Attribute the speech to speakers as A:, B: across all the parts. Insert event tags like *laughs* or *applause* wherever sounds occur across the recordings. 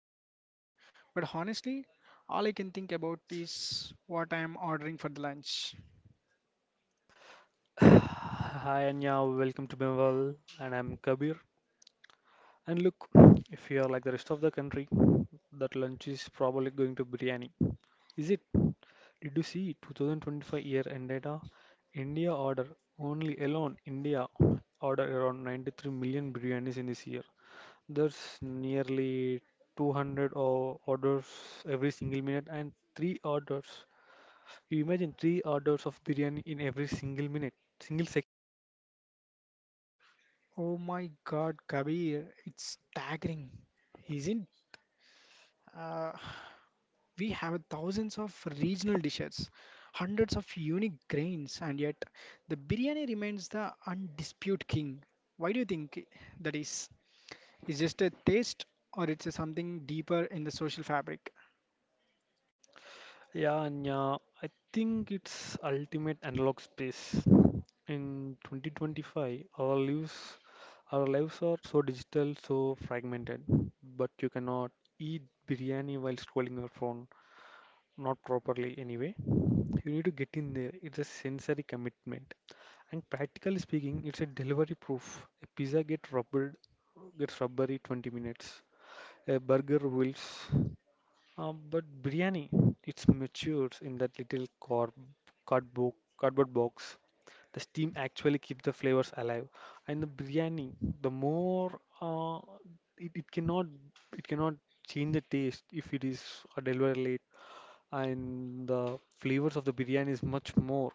A: the Indus Valley. But honestly, all I can think about is what I am ordering for the lunch.
B: Hi Anya, welcome to Bengal, and I'm Kabir. And look, if you are like the rest of the country, that lunch is probably going to biryani. Is it? Did you see 2025-year end data? India order only alone India order around 93 million biryanis in this year. There's nearly 200 orders every single minute and three orders. You imagine three orders of biryani in every single minute, single.
A: Oh my God, Kabir, it's staggering, isn't? We have thousands of regional dishes, hundreds of unique grains, and yet the biryani remains the undisputed king. Why do you think that is? Is just a taste, or it's a something deeper in the social fabric?
B: Yeah, and I think it's ultimate analog space. In 2025, our lives are so digital, so fragmented. But you cannot eat biryani while scrolling your phone, not properly anyway. You need to get in there. It's a sensory commitment. And practically speaking, it's a delivery proof. A gets rubbery 20 minutes. A burger wilts. But biryani, it's matures in that little corb cardboard, cardboard box. The steam actually keeps the flavors alive, and the biryani, the more uh, it, it cannot it cannot change the taste if it is delivered late, and the flavors of the biryani is much more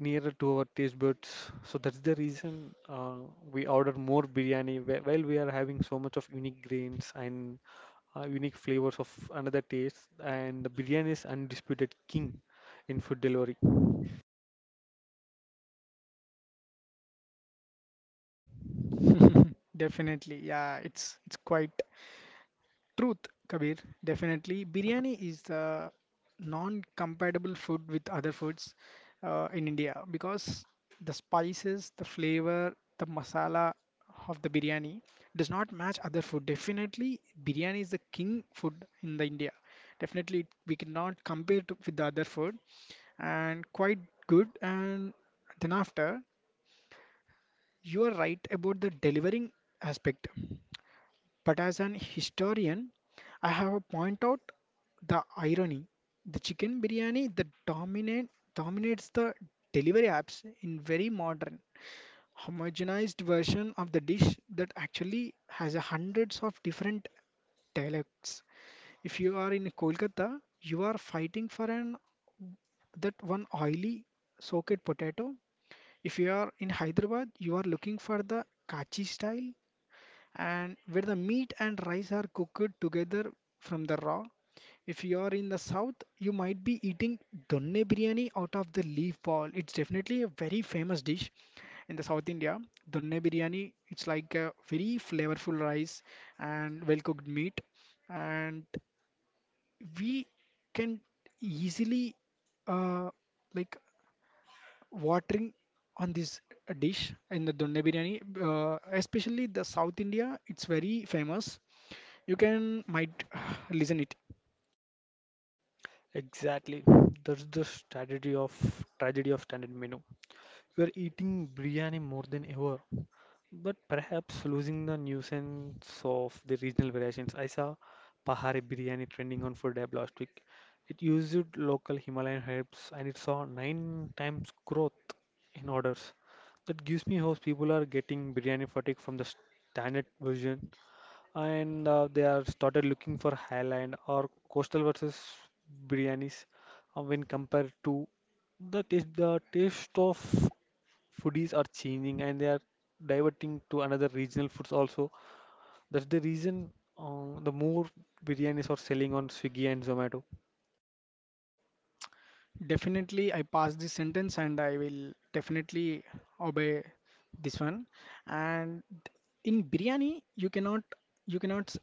B: nearer to our taste buds. So that's the reason we order more biryani while we are having so much of unique grains and unique flavors of another taste, and the biryani is undisputed king in food delivery.
A: *laughs* Definitely, yeah. It's quite Truth, Kabir, definitely. Biryani is non-compatible food with other foods in India because the spices, the flavor, the masala of the biryani does not match other food. Definitely, biryani is the king food in the India. Definitely, we cannot compare to, with the other food, and quite good. And then after, you are right about the delivering aspect. But as an historian, I have to point out the irony. The chicken biryani dominates the delivery apps in very modern, homogenized version of the dish that actually has a hundreds of different dialects. If you are in Kolkata, you are fighting for an that one oily soaked potato. If you are in Hyderabad, you are looking for the kachi style and where the meat and rice are cooked together from the raw. If you are in the south, you might be eating donne biryani out of the leaf ball. It's definitely a very famous dish in the South India. Donne biryani, it's like a very flavorful rice and well-cooked meat, and we can easily uh, like watering on this dish in the donne biryani especially the south india it's very famous you can might *sighs* listen it
B: Exactly, that's the strategy of tragedy of standard menu. We're eating biryani more than ever, but perhaps losing the nuisance of the regional variations. I saw Pahari biryani trending on Food Lab last week. It used local Himalayan herbs and it saw nine times growth in orders. That gives me hope people are getting biryani fatigue from the standard version and they are started looking for highland or coastal versus biryanis when compared to the taste of foodies are changing and they are diverting to another regional foods also. That's the reason the more biryanis are selling on Swiggy and Zomato.
A: definitely I pass this sentence and I will definitely obey this one and in biryani you cannot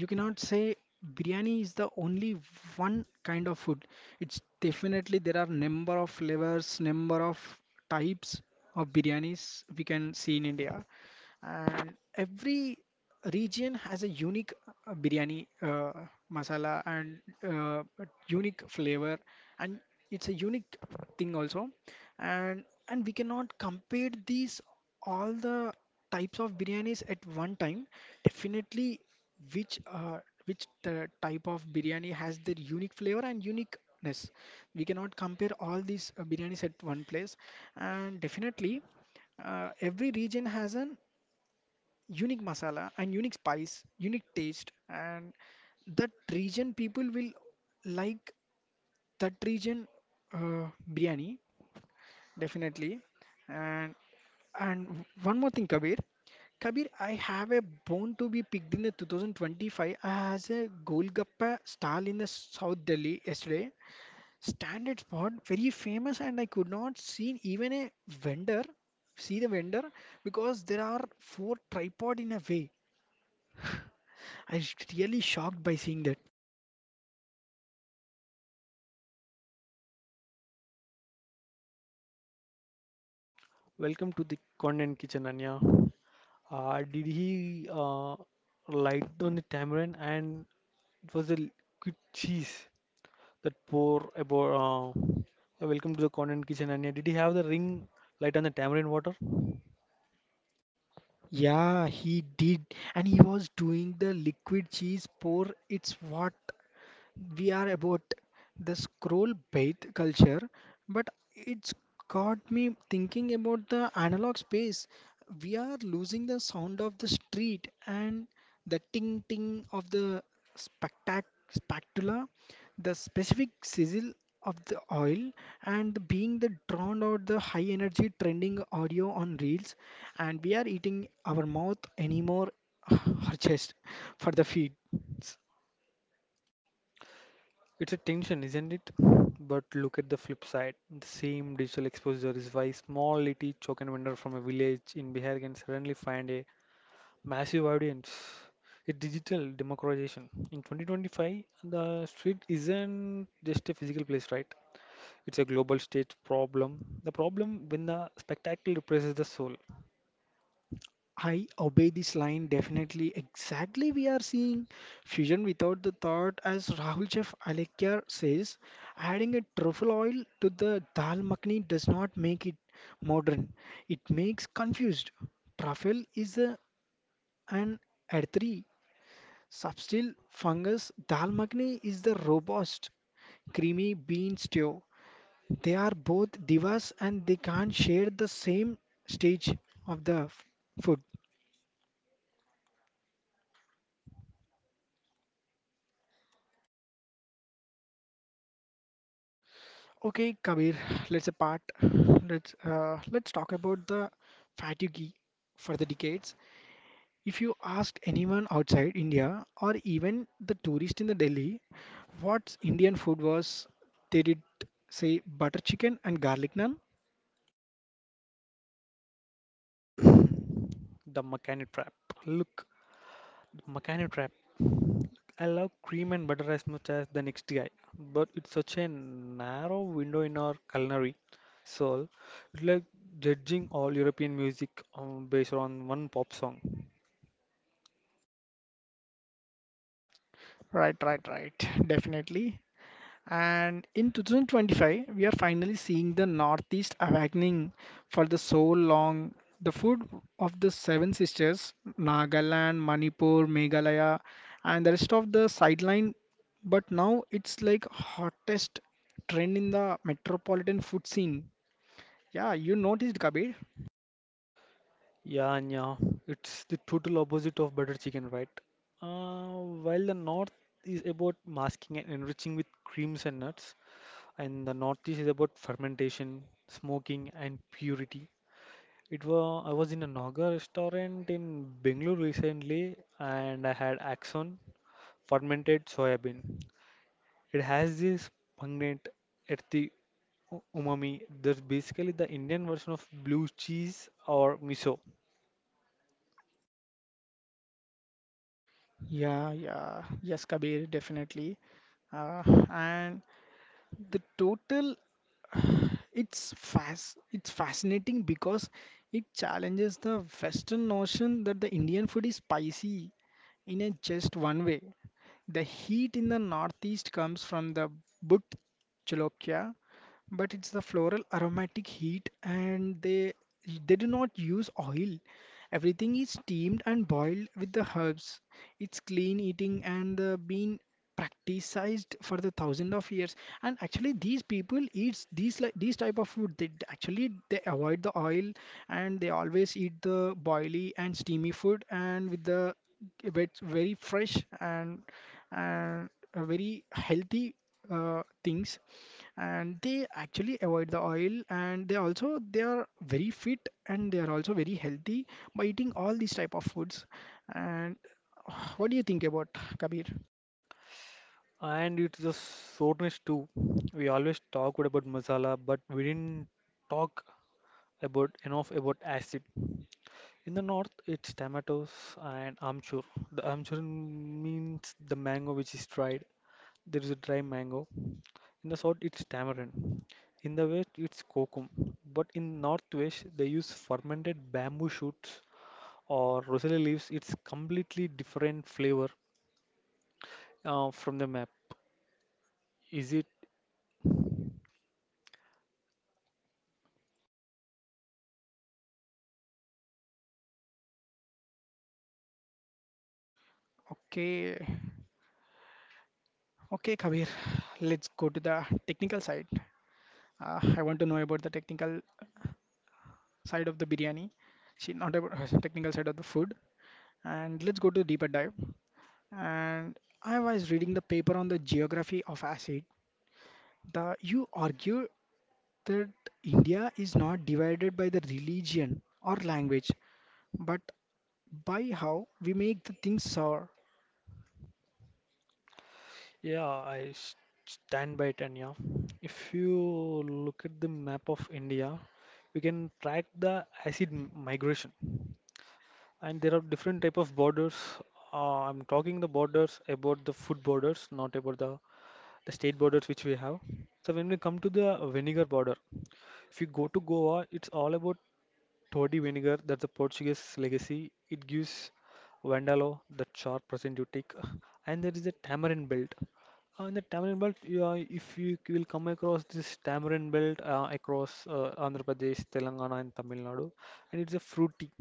A: you cannot say biryani is the only one kind of food it's definitely there are number of flavors number of types of biryanis we can see in india and every region has a unique biryani masala and uh, unique flavor and it's a unique thing also and we cannot compare these all the types of biryanis at one time definitely which are which the type of biryani has their unique flavor and uniqueness. We cannot compare all these biryanis at one place, and definitely every region has an unique masala and unique spice, unique taste, and that region people will like that region uh, biryani definitely and and one more thing, Kabir. Kabir, I have a bone to be picked in the 2025 as a Golgappa stall in the South Delhi yesterday. Standard spot, very famous, and I could not see even a vendor. See the vendor because there are four tripod in a way. I was really shocked by seeing that.
B: Welcome to the content kitchen, Anya. Did he light on the tamarind and it was the liquid cheese that pour about. Welcome to the content kitchen, Anya. Did he have the ring light on the tamarind water?
A: Yeah, he did, and he was doing the liquid cheese pour. It's what we are about the scroll based culture, but it's got me thinking about the analog space. We are losing the sound of the street and the ting ting of the spectac spectula, the specific sizzle of the oil, and the being the drowned out the high energy trending audio on reels, and we are eating our mouth anymore, *sighs* our chest for the feed.
B: It's a tension, isn't it? But look at the flip side. The same digital exposure is why small little token vendor from a village in Bihar can suddenly find a massive audience. It's digital democratization. In 2025, the street isn't just a physical place, right? It's a global stage problem. The problem when the spectacle represses the soul.
A: I obey this line definitely. Exactly, we are seeing fusion without the thought, as Rahul Chef Alekhya says. Adding a truffle oil to the dal makhni does not make it modern. It makes confused. Truffle is a, an earthy, subtle fungus. Dal makhni is the robust, creamy bean stew. They are both divas and they can't share the same stage of the food. Okay, Kabir, let's apart. Let's talk about the fatigue for the decades. If you asked anyone outside India or even the tourist in the Delhi what Indian food was, they did say butter chicken and garlic naan.
B: *clears throat* The mechanic trap. Look, Volcano Trap. I love cream and butter as much as the next guy, but it's such a narrow window in our culinary soul. It's like judging all European music based on one pop song.
A: Right, right, right. Definitely. And in 2025, we are finally seeing the Northeast awakening for the so long. The food of the seven sisters, Nagaland, Manipur, Meghalaya, and the rest of the sideline, but now it's like hottest trend in the metropolitan food scene. Yeah, you noticed, Kabir?
B: Yeah, it's the total opposite of butter chicken, right? Uh, while the north is about masking and enriching with creams and nuts, and the northeast is about fermentation, smoking, and purity. It was I was in a Naga restaurant in Bengaluru recently, and I had axon fermented soybean. It has this pungent, earthy umami that's basically the Indian version of blue cheese or miso.
A: Yeah, yeah, yes, Kabir, definitely. Uh, and the total it's fascinating because it challenges the Western notion that the Indian food is spicy in a just one way. The heat in the northeast comes from the booked chalokia, but it's the floral aromatic heat and they do not use oil everything is steamed and boiled with the herbs it's clean eating and been practiced for the thousand of years and actually these people eat these like these type of food actually they avoid the oil and they always eat the boily and steamy food and with the it's very fresh and very healthy things and they actually avoid the oil and they also they are very fit and they are also very healthy by eating all these type of foods and *sighs* what do you think about kabir
B: And it's the soreness too. We always talked about masala, but we didn't talk about enough about acid. In the north, it's tomatoes and amchur. The amchur means the mango which is dried. There is a dry mango. In the south, it's tamarind. In the west, it's kokum. But in northwest, they use fermented bamboo shoots or rosella leaves. It's completely different flavor from the map. Is it?
A: okay okay kabir let's go to the technical side I want to know about the technical side of the biryani see not about *laughs* technical side of the food and let's go to deeper dive and I was reading the paper on the geography of acid the you argue that India is not divided by the religion or language, but by how we make the things sour.
B: Yeah, I s- Stand by it. And yeah, if you look at the map of India, we can track the acid migration and there are different type of borders. I'm talking the borders about the food borders, not about the state borders which we have. So when we come to the vinegar border, if you go to Goa, it's all about toddy vinegar. That's a Portuguese legacy. It gives Vandalo, the sharp present you take, and there is a tamarind belt. In the tamarind belt, you are, if you will come across this tamarind belt across Andhra Pradesh, Telangana, and Tamil Nadu, and it's a fruity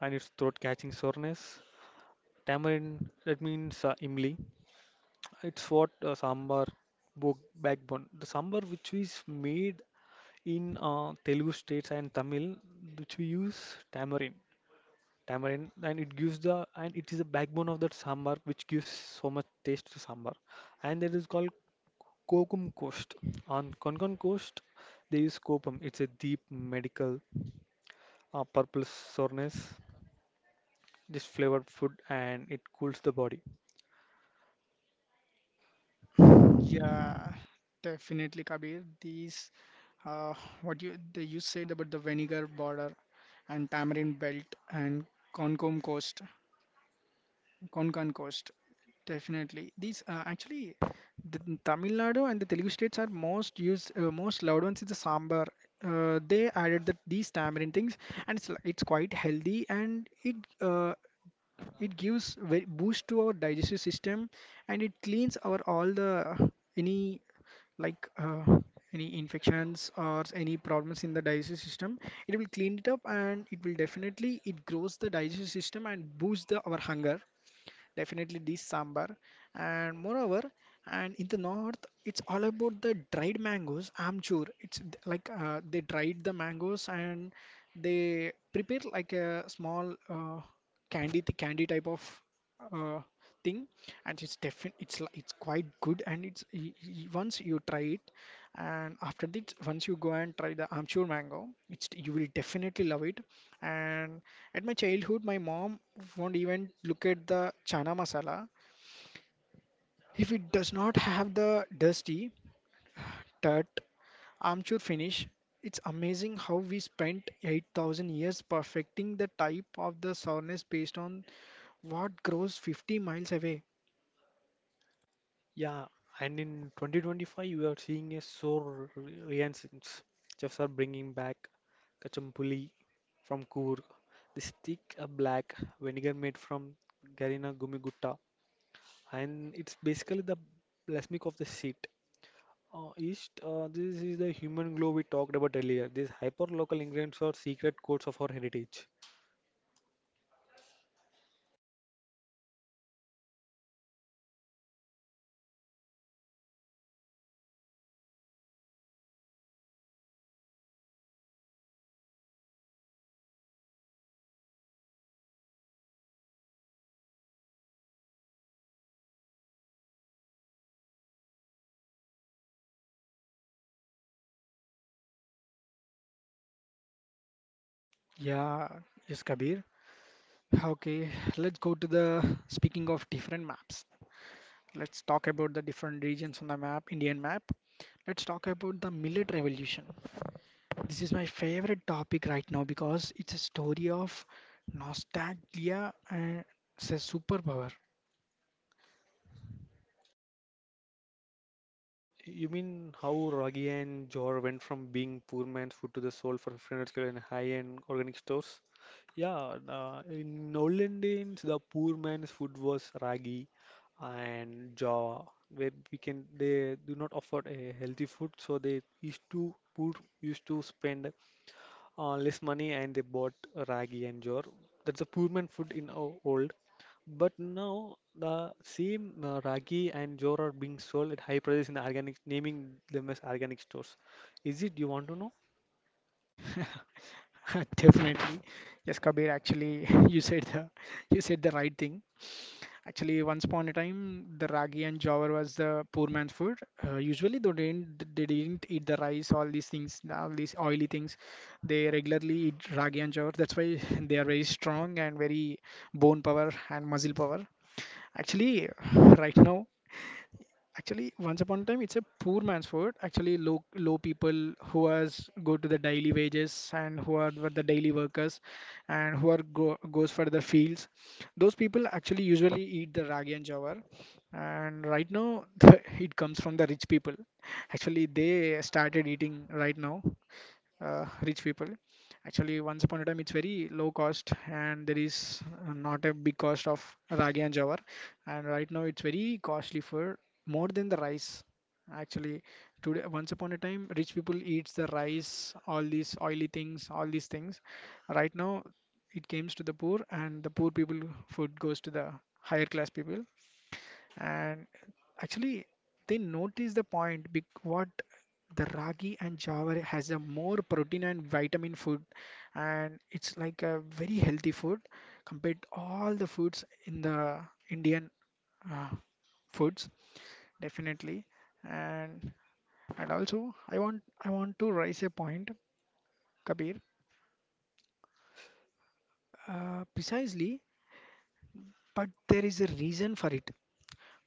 B: and it's throat catching soreness. Tamarind, that means imli. It's what sambar book backbone. The sambar which is made in Telugu states and Tamil, which we use tamarind, tamarind, and it gives the and it is the backbone of that sambar which gives so much taste to sambar, and that is called Kokum Coast. On Konkan Coast, they use Kopam. It's a deep medical purple soreness, just flavored food, and it cools the body.
A: Yeah, definitely, Kabir. These, uh, what you the, you said about the vinegar border and tamarind belt and Concom coast. Konkan coast, definitely. These actually, the Tamil Nadu and the Telugu states are most used, most loved ones is the sambar. They added that these tamarind things, and it's quite healthy, and it uh, it gives very boost to our digestive system, and it cleans our all the any like any infections or any problems in the digestive system. It will clean it up, and it will definitely it grows the digestive system and boosts the our hunger definitely this sambar and moreover and in the north it's all about the dried mangoes amchur like they dried the mangoes and they prepare like a small candy the candy type of uh, thing and it's definitely it's quite good and once you try it and after this once you go and try the amchur mango it's you will definitely love it and at my childhood, my mom won't even look at the chana masala. If it does not have the dusty, tart, amchur finish, it's amazing how we spent 8,000 years perfecting the type of the sourness based on what grows 50 miles away.
B: Yeah, and in 2025, you are seeing a so renaissance. Chefs are bringing back kachampuli from Coorg, this thick black vinegar made from Garina Gumigutta, and it's basically the balsamic of the seat. East, this is the human glow we talked about earlier. These hyper-local ingredients are secret codes of our heritage.
A: Yeah, yes, Kabir. Okay, let's go to the speaking of different maps. Let's talk about the different regions on the map, Indian map. Let's talk about the millet revolution. This is my favorite topic right now because it's a story of nostalgia and it's a superpower.
B: You mean how Ragi and Jor went from being poor man's food to the soul for 500 kilo in high-end organic stores? Yeah, in olden days, the poor man's food was ragi and jaw, where we can they do not offer a healthy food, so they used to poor used to spend less money and they bought ragi and jor. That's a poor man food in old. But now the same ragi and jor are being sold at high prices in organic, naming them as organic stores. Is it? You want to know?
A: *laughs* Definitely. Yes, Kabir, actually, *laughs* you said the right thing. Actually, once upon a time, the ragi and jawar was the poor man's food. Usually, they didn't eat the rice, all these things, all these oily things. They regularly eat ragi and jawar. That's why *laughs* they are very strong and very bone power and muscle power. Actually, *laughs* right now, Actually, once upon a time, it's a poor man's food. Actually, low low people who has go to the daily wages and who are the daily workers and who are goes for the fields. Those people actually usually eat the ragi and jawar. And right now, *laughs* the, it comes from the rich people. Actually, they started eating right now rich people. Actually, once upon a time, it's very low cost, and there is not a big cost of ragi and jawar. And right now, it's very costly for more than the rice. Actually, today, once upon a time, rich people eats the rice, all these oily things, all these things. Right now, it comes to the poor, and the poor people food goes to the higher class people and actually they notice the point what the ragi and jawar has a more protein and vitamin food and it's like a very healthy food compared to all the foods in the indian uh, foods definitely and and also i want to raise a point kabir precisely but there is a reason for it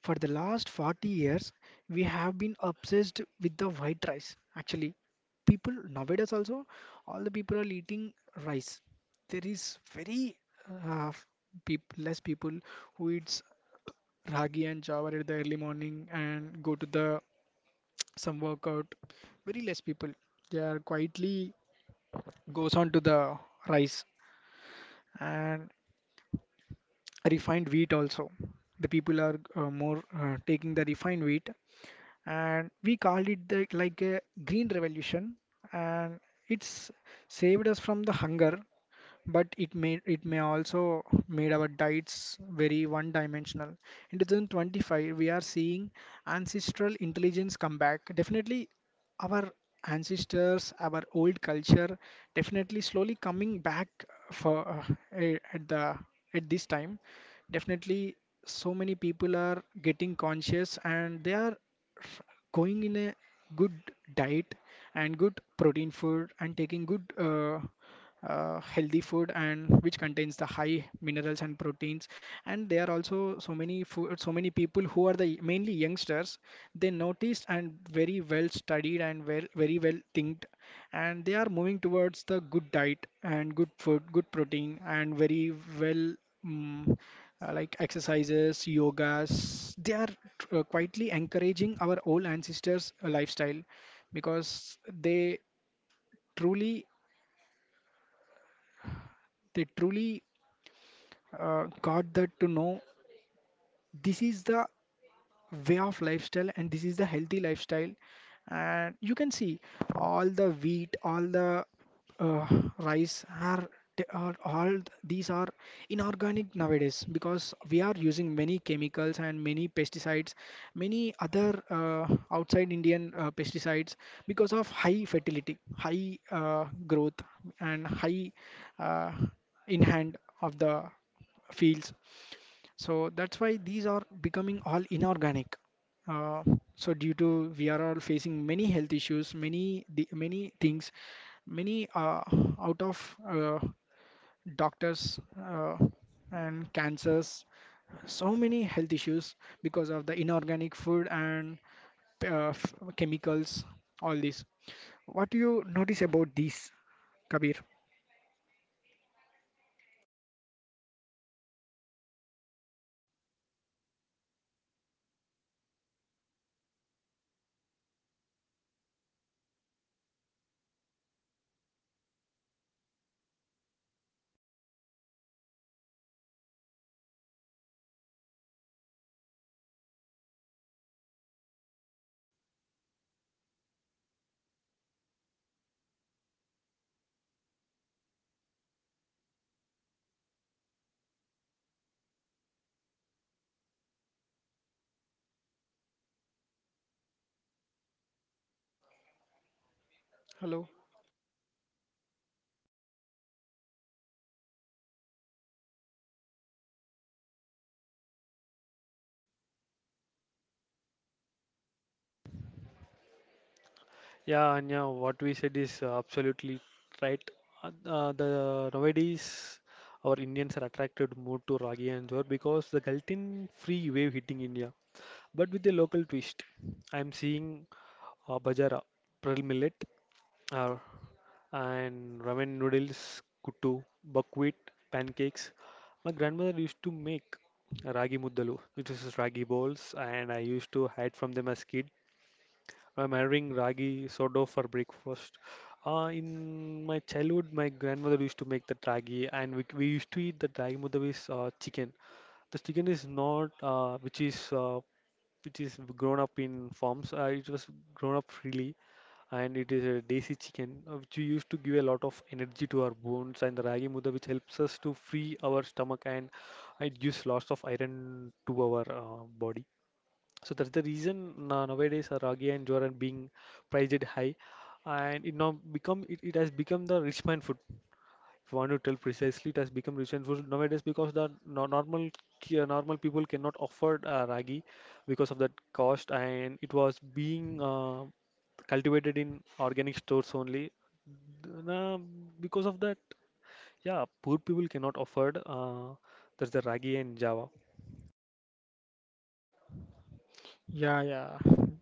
A: For the last 40 years, we have been obsessed with the white rice. Actually, people nowadays also, all the people are eating rice. There is very uh, less people who eats ragi and jawar at the early morning and go to the some workout. Very less people. They are quietly goes on to the rice and refined wheat also. The people are more taking the refined wheat, and we called it the, like a green revolution, and it's saved us from the hunger, but it may also made our diets very one dimensional. In 2025, we are seeing ancestral intelligence come back. Definitely, our ancestors, our old culture, definitely slowly coming back for at the at this time. Definitely so many people are getting conscious, and they are going in a good diet and good protein food and taking good healthy food and which contains the high minerals and proteins. And there are also so many food, so many people who are the mainly youngsters, they noticed and very well studied and very well thinked, and they are moving towards the good diet and good food, good protein, and very well, mm like exercises, yogas. They are quietly encouraging our old ancestors' lifestyle because they truly, they truly got that to know this is the way of lifestyle, and this is the healthy lifestyle. And you can see all the wheat, all the uh, rice are, they are all these are inorganic nowadays because we are using many chemicals and many pesticides, many other outside indian pesticides because of high fertility, high growth, and high uh, in hand of the fields. So that's why these are becoming all inorganic. uh, so due to we are all facing many health issues, many things, many out of doctors, and cancers, so many health issues because of the inorganic food and chemicals, all this. What do you notice about these, Kabir? Hello.
B: Yeah, Anya, what we said is absolutely right. The Nowadays our Indians are attracted more to ragi and jor because the gluten-free wave hitting India, but with a local twist. I am seeing bajara, pearl millet, uh, and ramen noodles, kuttu, buckwheat, pancakes. My grandmother used to make ragi muddalu, which is ragi balls, and I used to hide from them as kid. I'm having ragi soda for breakfast. In my childhood, my grandmother used to make the ragi, and we used to eat the ragi mudda with chicken. The chicken is not, which is grown up in farms. It was grown up freely, and it is a desi chicken which used to give a lot of energy to our bones and the ragi muda which helps us to free our stomach and it gives lots of iron to our body. So that's the reason nowadays ragi and jowar are being priced high and it has become the rich man food. If you want to tell precisely, it has become rich and food nowadays because the normal normal people cannot afford ragi because of that cost and it was being cultivated in organic stores only. Th- nah, because of that, yeah, poor people cannot afford there's the ragi and java.
A: Yeah, yeah,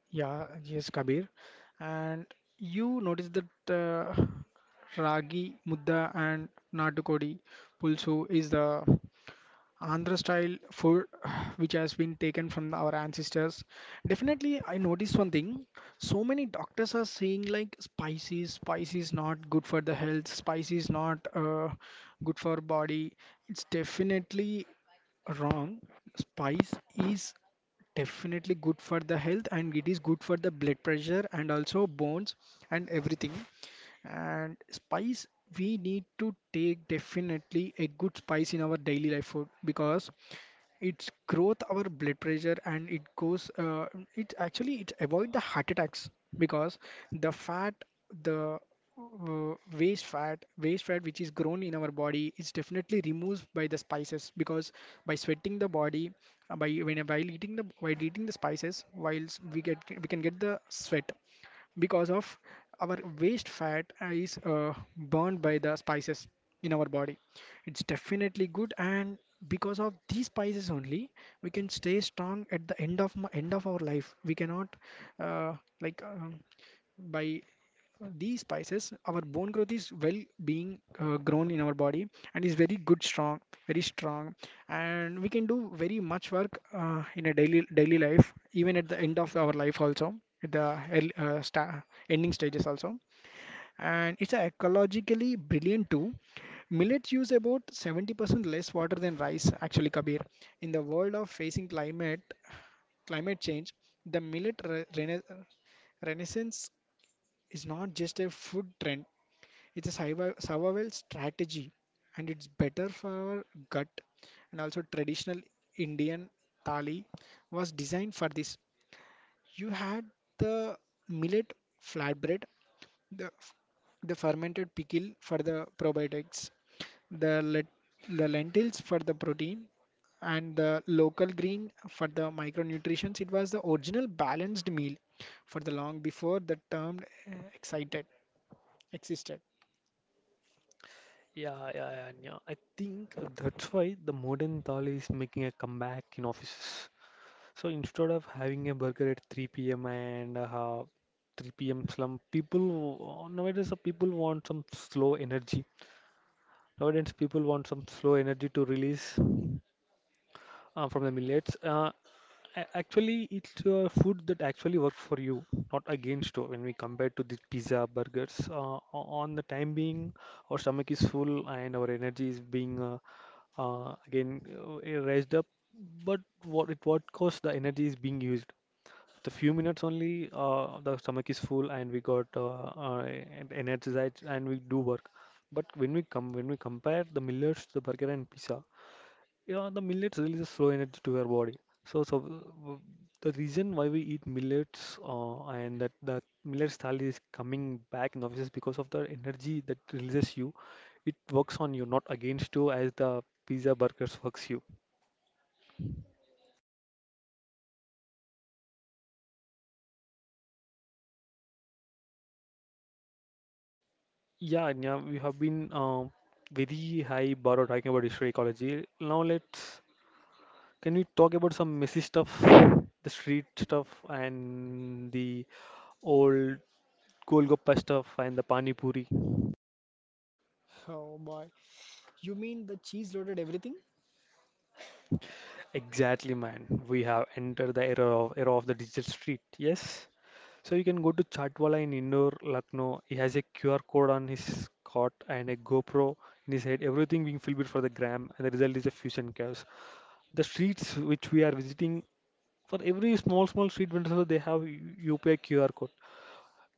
A: yeah, yes, Kabir. And you notice that ragi, mudda, and natukodi pulsu is the Andhra style food *sighs* which has been taken from our ancestors. Definitely, I noticed one thing. So many doctors are saying like spices, spices not good for the health, spices not good for body. It's definitely wrong. Spice is definitely good for the health, and it is good for the blood pressure and also bones and everything. And spice, we need to take definitely a good spice in our daily life food because it's growth our blood pressure, and it goes it actually it avoid the heart attacks because the fat the waste fat which is grown in our body is definitely removed by the spices because by sweating the body, by when while eating the spices, whilst we can get the sweat because of our waste fat is burned by the spices in our body. It's definitely good, and because of these spices only, we can stay strong at the end of end of our life. We cannot uh, like um, by these spices, our bone growth is well being grown in our body and is very good, strong, very strong, and we can do very much work in a daily life, even at the end of our life also, at the early, sta ending stages also. And it's a ecologically brilliant too. Millets use about 70% less water than rice, actually, Kabir. In the world of facing climate change, the renaissance is not just a food trend; it's a survival strategy, and it's better for our gut. And also, traditional Indian thali was designed for this. You had the millet flatbread, the, the fermented pickle for the probiotics, the, let, the lentils for the protein, and the local green for the micronutrients. It was the original balanced meal for the long before the term excited existed.
B: Yeah. I think that's why the modern thali is making a comeback in offices. So instead of having a burger at 3 p.m. and 3 p.m. slump, nowadays the people want some slow energy. Nowadays people want some slow energy to release from the millets. Actually, it's food that actually works for you, not against you. When we compare to the pizza, burgers, on the time being, our stomach is full and our energy is being again raised up. But what it what costs the energy is being used. The few minutes only, the stomach is full and we got energized and we do work. But when we compare the millets, the burger and pizza, yeah, the millets releases slow energy to our body. So, so uh, the reason why we eat millets and that the millet style is coming back in offices because of the energy that releases you. It works on you, not against you, as the pizza burgers works you. Yeah, Anya, we have been very high bar of talking about history ecology. Now let's can we talk about some messy stuff, the street stuff and the old Golgappa stuff and the Pani Puri.
A: Oh boy, you mean the cheese loaded everything?
B: Exactly, man. We have entered the era of the digital street. Yes. So you can go to Chatwala in Indore, Lucknow. He has a QR code on his cot and a GoPro in his head. Everything being filmed for the gram, and the result is a fusion chaos. The streets which we are visiting, for every small street vendor they have UPI QR code.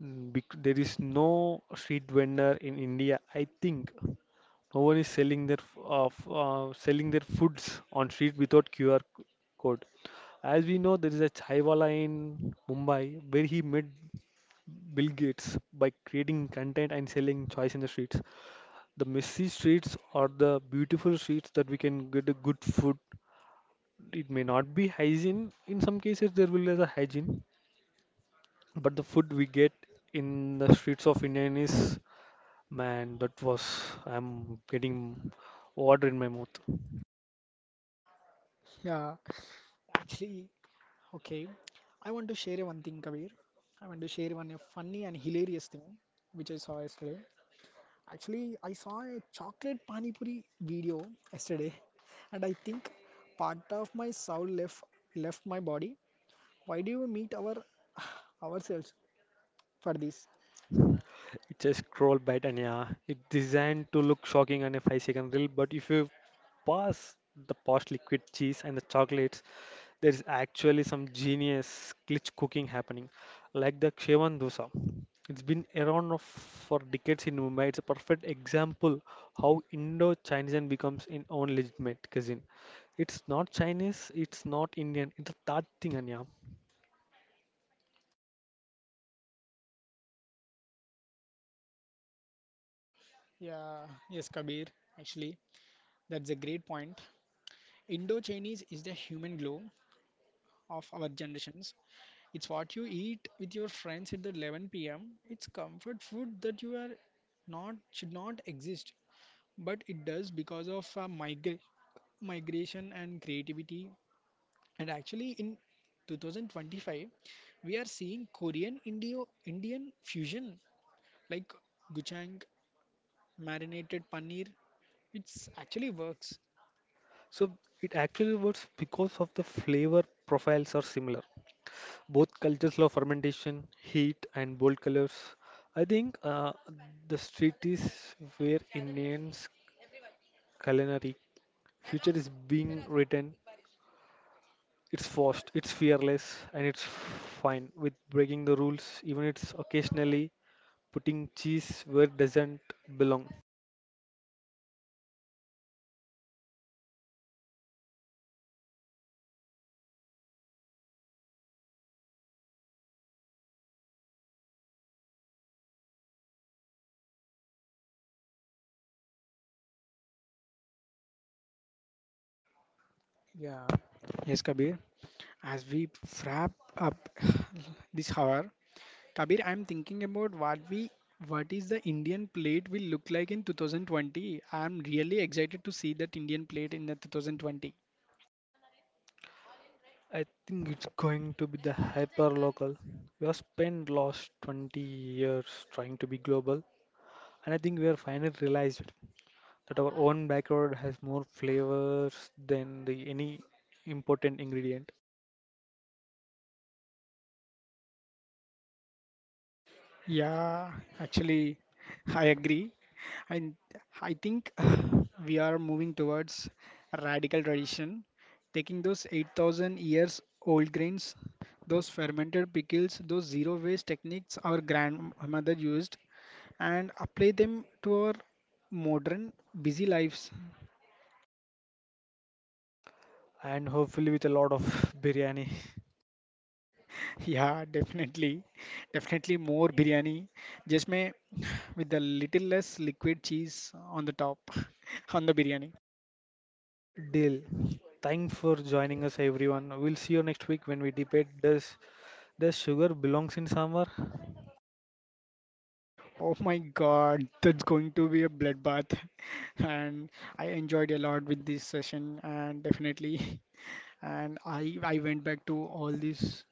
B: There is no street vendor in India, I think. No one is selling their selling their foods on street without QR code. As we know, there is a chaiwala in Mumbai where he met Bill Gates by creating content and selling choice in the streets. The messy streets are the beautiful streets that we can get a good food. It may not be hygiene. In some cases, there will be a hygiene, but the food we get in the streets of Indian is, man, that was, I'm getting water in my mouth.
A: Yeah, actually, okay. I want to share one thing, Kabir. I want to share one a funny and hilarious thing which I saw yesterday. Actually, I saw a chocolate pani puri video yesterday, *laughs* and I think part of my soul left my body. Why do you meet our *sighs* ourselves for this?
B: It's a scroll bite, and yeah, it's designed to look shocking on a 5 second reel, but if you pass the past liquid cheese and the chocolates there is actually some genius glitch cooking happening, like the Shevan dosa. It's been around for decades in Mumbai. It's a perfect example how Indo-Chinese becomes in own legitimate cuisine. It's not Chinese, it's not Indian, it's a Tat thing, Anya.
A: Yeah, yes, Kabir. Actually, that's a great point. Indo-Chinese is the human glow of our generations. It's what you eat with your friends at the 11 p.m. It's comfort food that you are not should not exist, but it does because of migration and creativity. And actually, in 2025, we are seeing Korean Indio Indian fusion like gochujang, marinated paneer. It's actually works.
B: So it actually works because of the flavor profiles are similar. Both cultures love fermentation, heat, and bold colors. I think the street is where Indians culinary future is being written. It's fast, it's fearless, and it's fine with breaking the rules, even it's occasionally putting cheese where it doesn't belong.
A: Yeah. Yes, Kabir. As we wrap up *sighs* *laughs* this hour, Kabir, I'm thinking about what is the Indian plate will look like in 2020. I'm really excited to see that Indian plate in the 2020.
B: I think it's going to be the hyper local. We have spent last 20 years trying to be global, and I think we are finally realized that our own backyard has more flavors than the any important ingredient,
A: Yeah, actually, I agree. And I think *sighs* we are moving towards a radical tradition, taking those 8,000 years old grains, those fermented pickles, those zero waste techniques our grandmother used, and apply them to our modern busy lives. *laughs*
B: and hopefully with a lot of *laughs* biryani.
A: Yeah, definitely. Definitely more biryani, just may *sighs* with a little less liquid cheese on the top *laughs* on the biryani.
B: Deal. Thanks for joining us, everyone. We'll see you next week when we debate does sugar belongs in summer?
A: Oh my God, that's going to be a bloodbath. *laughs* And I enjoyed a lot with this session and definitely. *laughs* And I went back to all these